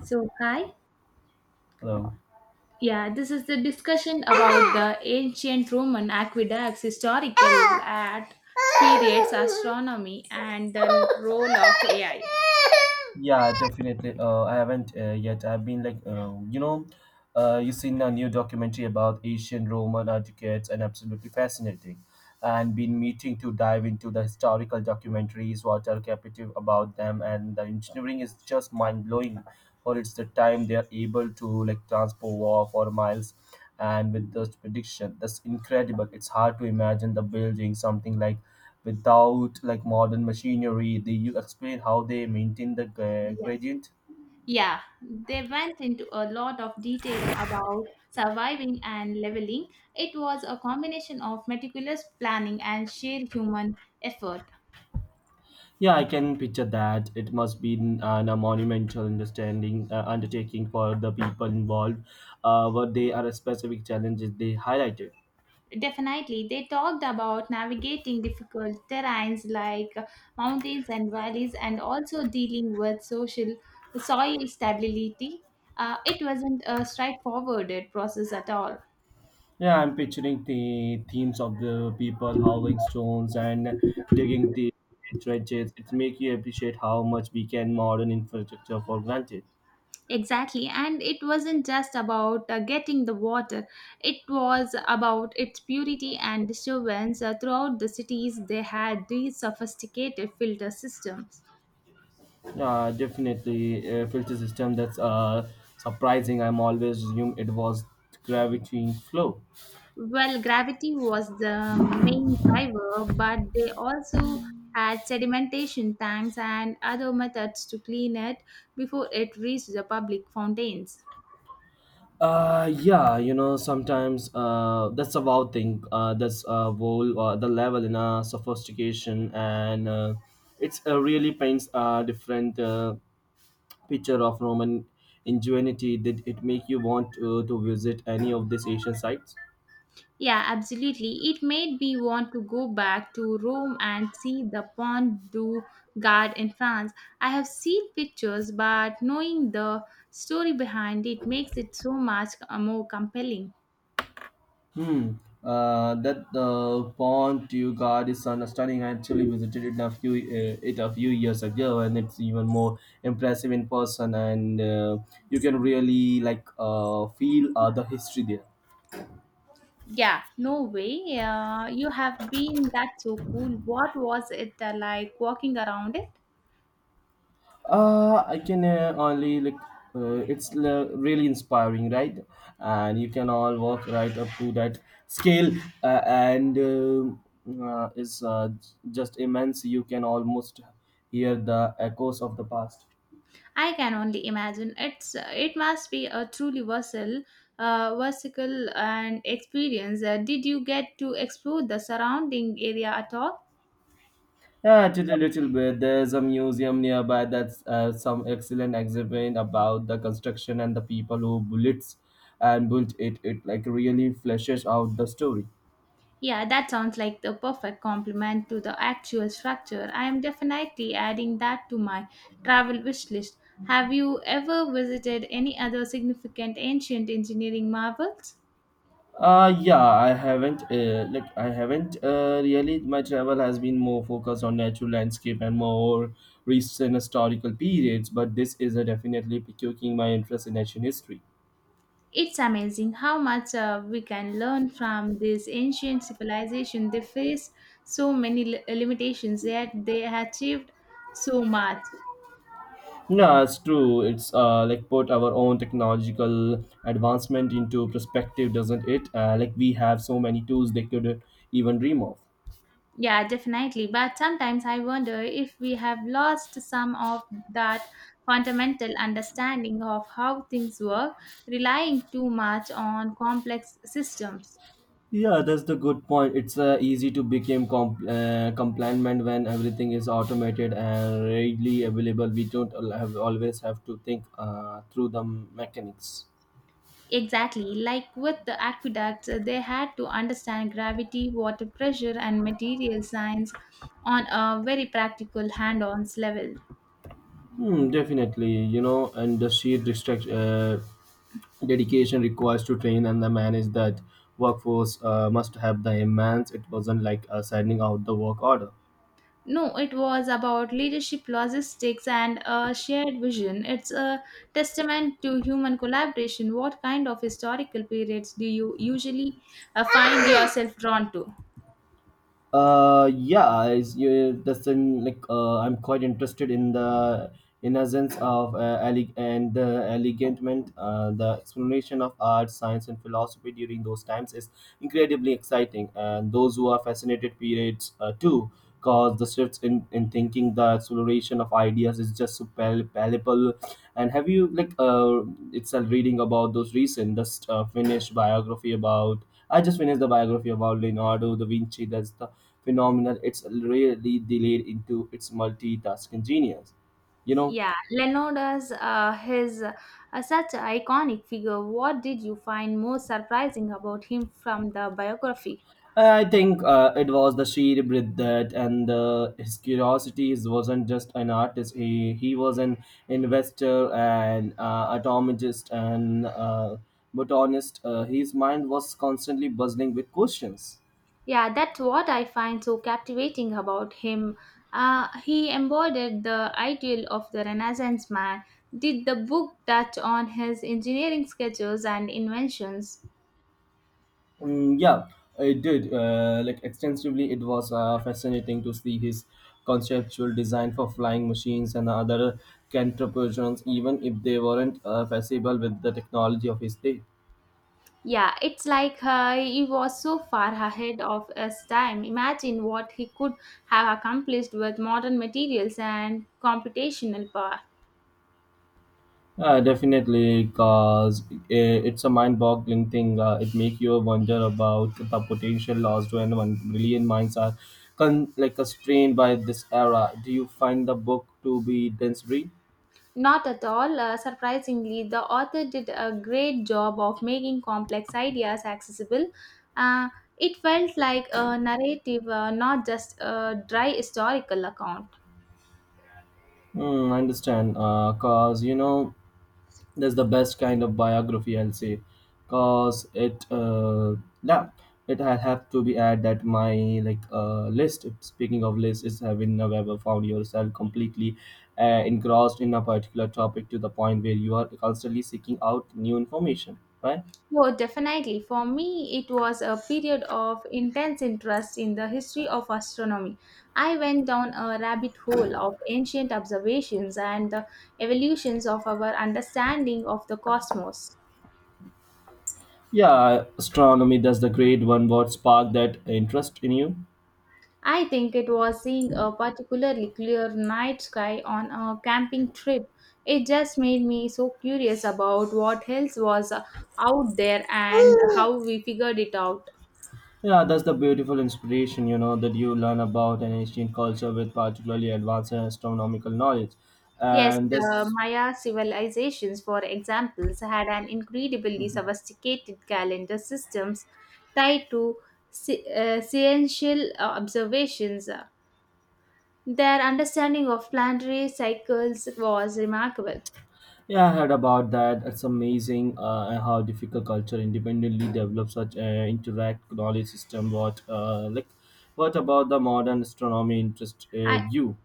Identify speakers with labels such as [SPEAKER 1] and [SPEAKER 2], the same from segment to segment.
[SPEAKER 1] So, hi.
[SPEAKER 2] Hello.
[SPEAKER 1] Yeah, this is the discussion about the ancient Roman aqueducts, historical art, periods, astronomy, and the role of AI.
[SPEAKER 2] Yeah, definitely. I haven't yet. I've been like, you seen a new documentary about ancient Roman architects, and absolutely fascinating. And been meeting to dive into the historical documentaries, what are captive about them, and the engineering is just mind blowing. For it's the time they are able to like transport war for miles, and with this prediction, that's incredible. It's hard to imagine the building something like without like modern machinery. Do you explain how they maintain the
[SPEAKER 1] Yeah.
[SPEAKER 2] gradient?
[SPEAKER 1] Yeah, they went into a lot of detail about surviving and leveling. It was a combination of meticulous planning and sheer human effort.
[SPEAKER 2] Yeah, I can picture that. It must be a monumental understanding undertaking for the people involved. What they are specific challenges they highlighted.
[SPEAKER 1] Definitely. They talked about navigating difficult terrains like mountains and valleys and also dealing with social soil stability. It wasn't a straightforward process at all.
[SPEAKER 2] Yeah, I'm picturing the themes of the people hauling stones and digging the trenches. It makes you appreciate how much we can modern infrastructure for granted.
[SPEAKER 1] Exactly. And it wasn't just about getting the water, it was about its purity and disturbance throughout the cities. They had these sophisticated filter systems.
[SPEAKER 2] Yeah, definitely a filter system. That's surprising. I'm always assume it was gravity flow.
[SPEAKER 1] Well, gravity was the main driver, but they also had sedimentation tanks and other methods to clean it before it reached the public fountains.
[SPEAKER 2] Yeah, you know sometimes that's a wow thing. That's whole The level in sophistication and it's really paints a different picture of Roman ingenuity. Did it make you want to visit any of these Asian sites?
[SPEAKER 1] Yeah, absolutely. It made me want to go back to Rome and see the Pont du Gard in France. I have seen pictures, but knowing the story behind it makes it so much more compelling.
[SPEAKER 2] Hmm. That pond you got is stunning. I actually visited it a few years ago, and it's even more impressive in person. And you can really like feel the history there.
[SPEAKER 1] Yeah, no way. You have been, that's so cool. What was it like walking around it?
[SPEAKER 2] I can only like it's really inspiring, right? And you can all walk right up to that scale, just immense. You can almost hear the echoes of the past.
[SPEAKER 1] I can only imagine. It's it must be a truly versatile, versatile and experience. Did you get to explore the surrounding area at all?
[SPEAKER 2] Yeah, actually, a little bit. There's a museum nearby that's some excellent exhibit about the construction and the people who built it. It like really fleshes out the story.
[SPEAKER 1] Yeah, that sounds like the perfect complement to the actual structure. I am definitely adding that to my travel wish list. Have you ever visited any other significant ancient engineering marvels?
[SPEAKER 2] Yeah, I haven't really. My travel has been more focused on natural landscape and more recent historical periods, but this is a definitely piquing my interest in ancient history.
[SPEAKER 1] It's amazing how much we can learn from this ancient civilization. They faced so many limitations, yet they achieved so much.
[SPEAKER 2] Yeah, it's true. It's like put our own technological advancement into perspective, doesn't it? Like we have so many tools they could even dream of.
[SPEAKER 1] Yeah, definitely. But sometimes I wonder if we have lost some of that fundamental understanding of how things work, relying too much on complex systems.
[SPEAKER 2] Yeah, that's the good point. It's easy to become compliant when everything is automated and readily available. We don't al- Have always have to think through the mechanics.
[SPEAKER 1] Exactly, like with the aqueducts, they had to understand gravity, water pressure, and material science on a very practical hand on level.
[SPEAKER 2] Hmm, definitely, you know, and the sheer distract? Dedication requires to train and the manage that workforce must have the immense it wasn't like sending out the work order.
[SPEAKER 1] No, it was about leadership, logistics, and a shared vision. It's a testament to human collaboration. What kind of historical periods do you usually find yourself drawn to?
[SPEAKER 2] Yeah, is you that's in like I'm quite interested in the innocence of and the elegantment. The exploration of art, science, and philosophy during those times is incredibly exciting, and those who are fascinated periods too, cause the shifts in thinking, the exploration of ideas is just so palpable. And have you like it's a reading about those recent just finished biography about? I just finished the biography about Leonardo da Vinci. That's the phenomenal. It's really delayed into its multitasking genius. You know,
[SPEAKER 1] Yeah, Leonardo's his such an iconic figure. What did you find most surprising about him from the biography?
[SPEAKER 2] I think it was the sheer breadth that and his curiosity. He wasn't just an artist. He was an investor and atomist and botanist. His mind was constantly buzzing with questions.
[SPEAKER 1] Yeah, that's what I find so captivating about him. He embodied the ideal of the Renaissance man. Did the book touch on his engineering sketches and inventions?
[SPEAKER 2] Mm, yeah, it did. Like extensively, it was fascinating to see his conceptual design for flying machines and other contraptions, even if they weren't feasible with the technology of his day.
[SPEAKER 1] Yeah, it's like he was so far ahead of his time. Imagine what he could have accomplished with modern materials and computational power.
[SPEAKER 2] Definitely, because it's a mind-boggling thing. It makes you wonder about the potential lost when 1 million minds are constrained by this era. Do you find the book to be dense read?
[SPEAKER 1] Not at all. Surprisingly, the author did a great job of making complex ideas accessible. Uh, it felt like a narrative, not just a dry historical account.
[SPEAKER 2] Mm, I understand. Cause you know, that's the best kind of biography, I'll say, cause it yeah it I have to be add that my, list, speaking of list, is having never ever found yourself completely engrossed in a particular topic to the point where you are constantly seeking out new information, right?
[SPEAKER 1] Oh, definitely. For me, it was a period of intense interest in the history of astronomy. I went down a rabbit hole of ancient observations and the evolutions of our understanding of the cosmos.
[SPEAKER 2] Yeah, astronomy, that's the great one. What sparked that interest in you?
[SPEAKER 1] I think it was seeing a particularly clear night sky on a camping trip. It just made me so curious about what else was out there and how we figured it out.
[SPEAKER 2] Yeah, that's the beautiful inspiration, you know, that you learn about an ancient culture with particularly advanced astronomical knowledge,
[SPEAKER 1] Yes,
[SPEAKER 2] and
[SPEAKER 1] the
[SPEAKER 2] that's
[SPEAKER 1] Maya civilizations, for examples, had an incredibly sophisticated calendar systems tied to sciential observations. Their understanding of planetary cycles was remarkable.
[SPEAKER 2] Yeah, I heard about that. It's amazing how difficult culture independently develop such a interact knowledge system. What about the modern astronomy interest
[SPEAKER 1] I,
[SPEAKER 2] you?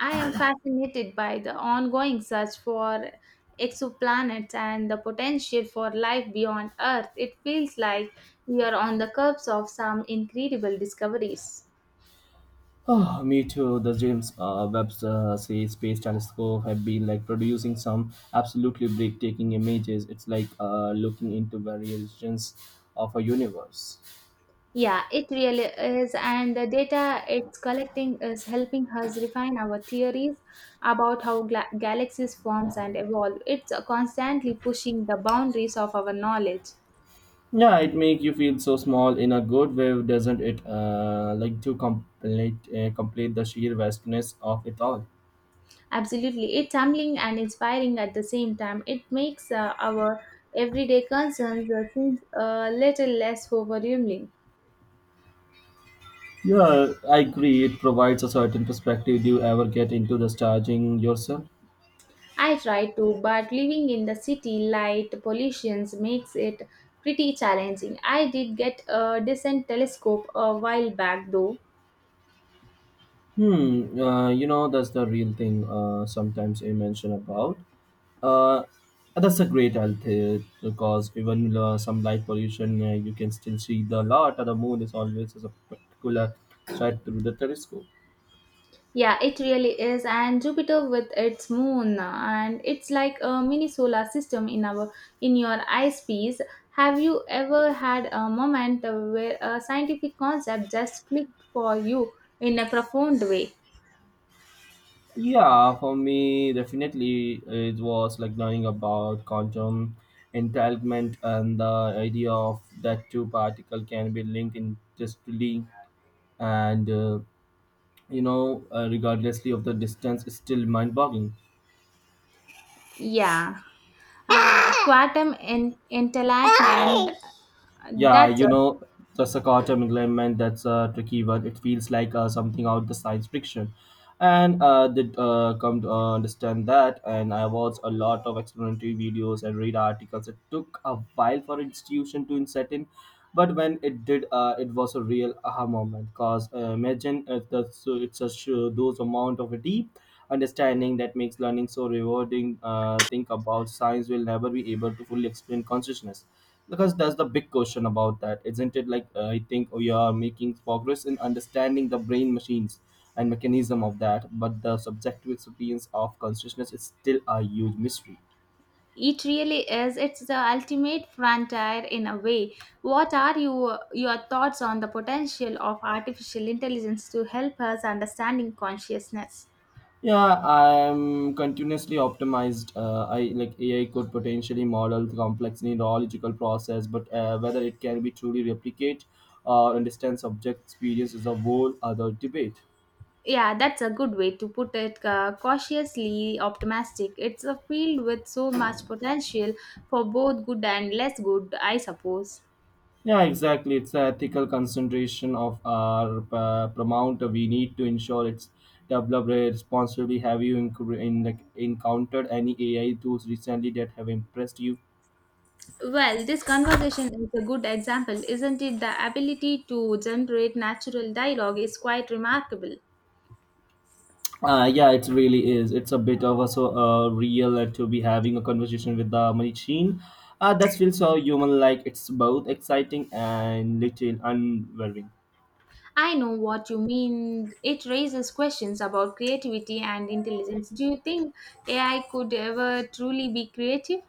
[SPEAKER 1] I am fascinated by the ongoing search for exoplanets and the potential for life beyond Earth. It feels like we are on the cusp of some incredible discoveries.
[SPEAKER 2] Oh, me too. The James Webb's say Space Telescope have been like producing some absolutely breathtaking images. It's like looking into variations of a universe.
[SPEAKER 1] Yeah, it really is. And the data it's collecting is helping us refine our theories about how galaxies forms and evolve. It's constantly pushing the boundaries of our knowledge.
[SPEAKER 2] Yeah, it make you feel so small in a good way, doesn't it? Like to complete Complete the sheer vastness of it all.
[SPEAKER 1] Absolutely. It's humbling and inspiring at the same time. It makes our everyday concerns seems a little less overwhelming.
[SPEAKER 2] Yeah, I agree. It provides a certain perspective. Do you ever get into the starging yourself?
[SPEAKER 1] I try to, but living in the city light pollution makes it pretty challenging. I did get a decent telescope a while back though.
[SPEAKER 2] Hmm. You know that's the real thing. Sometimes I mention about. Uh, that's a great health because even some light pollution, you can still see the lot of the moon is always a particular sight through the telescope.
[SPEAKER 1] Yeah, it really is. And Jupiter with its moon, and it's like a mini solar system in our in your eyepiece. Have you ever had a moment where a scientific concept just clicked for you in a profound way?
[SPEAKER 2] Yeah, for me, definitely it was like learning about quantum entanglement and the idea of that two particle can be linked interestedly, and regardlessly of the distance is still mind-boggling.
[SPEAKER 1] Yeah. Quantum intellect and
[SPEAKER 2] Yeah,
[SPEAKER 1] that's
[SPEAKER 2] you know, the Sakotam element, that's a tricky word. It feels like something out the science fiction. And did come to understand that. And I watched a lot of explanatory videos and read articles. It took a while for institution to set in. But when it did, it was a real aha moment. Because imagine if the, so it's a sure those amount of a deep understanding that makes learning so rewarding. Think about science will never be able to fully explain consciousness, because that's the big question about that, isn't it? I think we are making progress in understanding the brain machines and mechanism of that, but the subjective experience of consciousness is still a huge mystery.
[SPEAKER 1] It really is. It's the ultimate frontier in a way. What are your thoughts on the potential of artificial intelligence to help us understanding consciousness?
[SPEAKER 2] Yeah, I'm continuously optimized. I like AI could potentially model the complex neurological process, but whether it can be truly replicate or understand subject experience is a whole other debate.
[SPEAKER 1] Yeah, that's a good way to put it. Cautiously optimistic. It's a field with so much potential for both good and less good, I suppose.
[SPEAKER 2] Yeah, exactly. It's the ethical concentration of our paramount. We need to ensure it's developed responsibly. Have you encountered any AI tools recently that have impressed you?
[SPEAKER 1] Well, this conversation is a good example, isn't it? The ability to generate natural dialogue is quite remarkable.
[SPEAKER 2] Yeah, it really is. It's a bit of a so real to be having a conversation with the machine. That feels so human like, it's both exciting and little unnerving.
[SPEAKER 1] I know what you mean. It raises questions about creativity and intelligence. Do you think AI could ever truly be creative?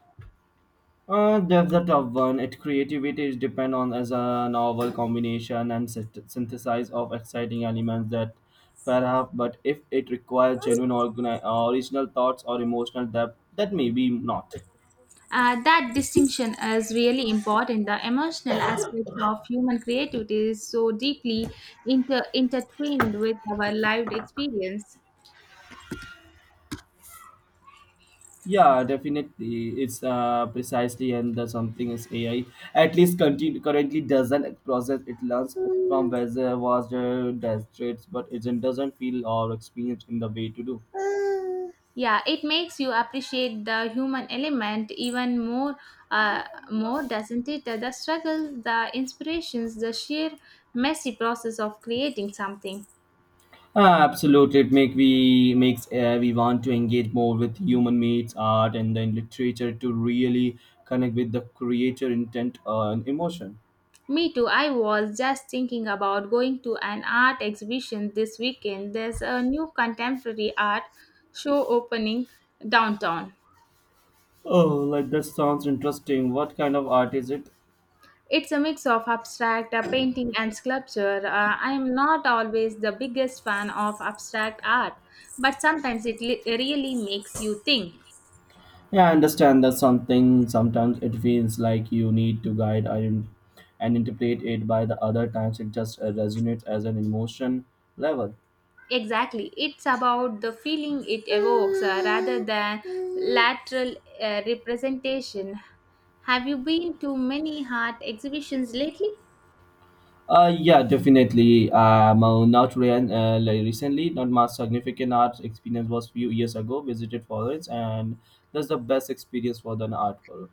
[SPEAKER 2] That's a tough one. It creativity is depend on as a novel combination and synthesize of exciting elements that perhaps, but if it requires genuine original thoughts or emotional depth, that maybe not.
[SPEAKER 1] That distinction is really important. The emotional aspects of human creativity is so deeply intertwined with our lived experience.
[SPEAKER 2] Yeah, definitely. It's precisely and the something is AI. At least continue, currently doesn't process it learns from whether was the demonstrates, but it doesn't feel or experience in the way to do.
[SPEAKER 1] Yeah, it makes you appreciate the human element even more, uh, more doesn't it, the struggles, the inspirations, the sheer messy process of creating something.
[SPEAKER 2] Ah, absolutely, it make we makes we want to engage more with human meets art and then literature to really connect with the creator intent and emotion.
[SPEAKER 1] Me too. I was just thinking about going to an art exhibition this weekend. There's a new contemporary art show opening downtown.
[SPEAKER 2] Oh, like that sounds interesting. What kind of art is it?
[SPEAKER 1] It's a mix of abstract painting and sculpture. I am not always the biggest fan of abstract art, but sometimes it really makes you think.
[SPEAKER 2] Yeah, I understand that something sometimes it feels like you need to guide and interpret it by the other times it just resonates as an emotion level.
[SPEAKER 1] Exactly, it's about the feeling it evokes rather than lateral representation. Have you been to many art exhibitions lately?
[SPEAKER 2] Yeah, definitely. Not re- Like recently, not my significant art experience was few years ago. Visited Florence, and that's the best experience for an art world.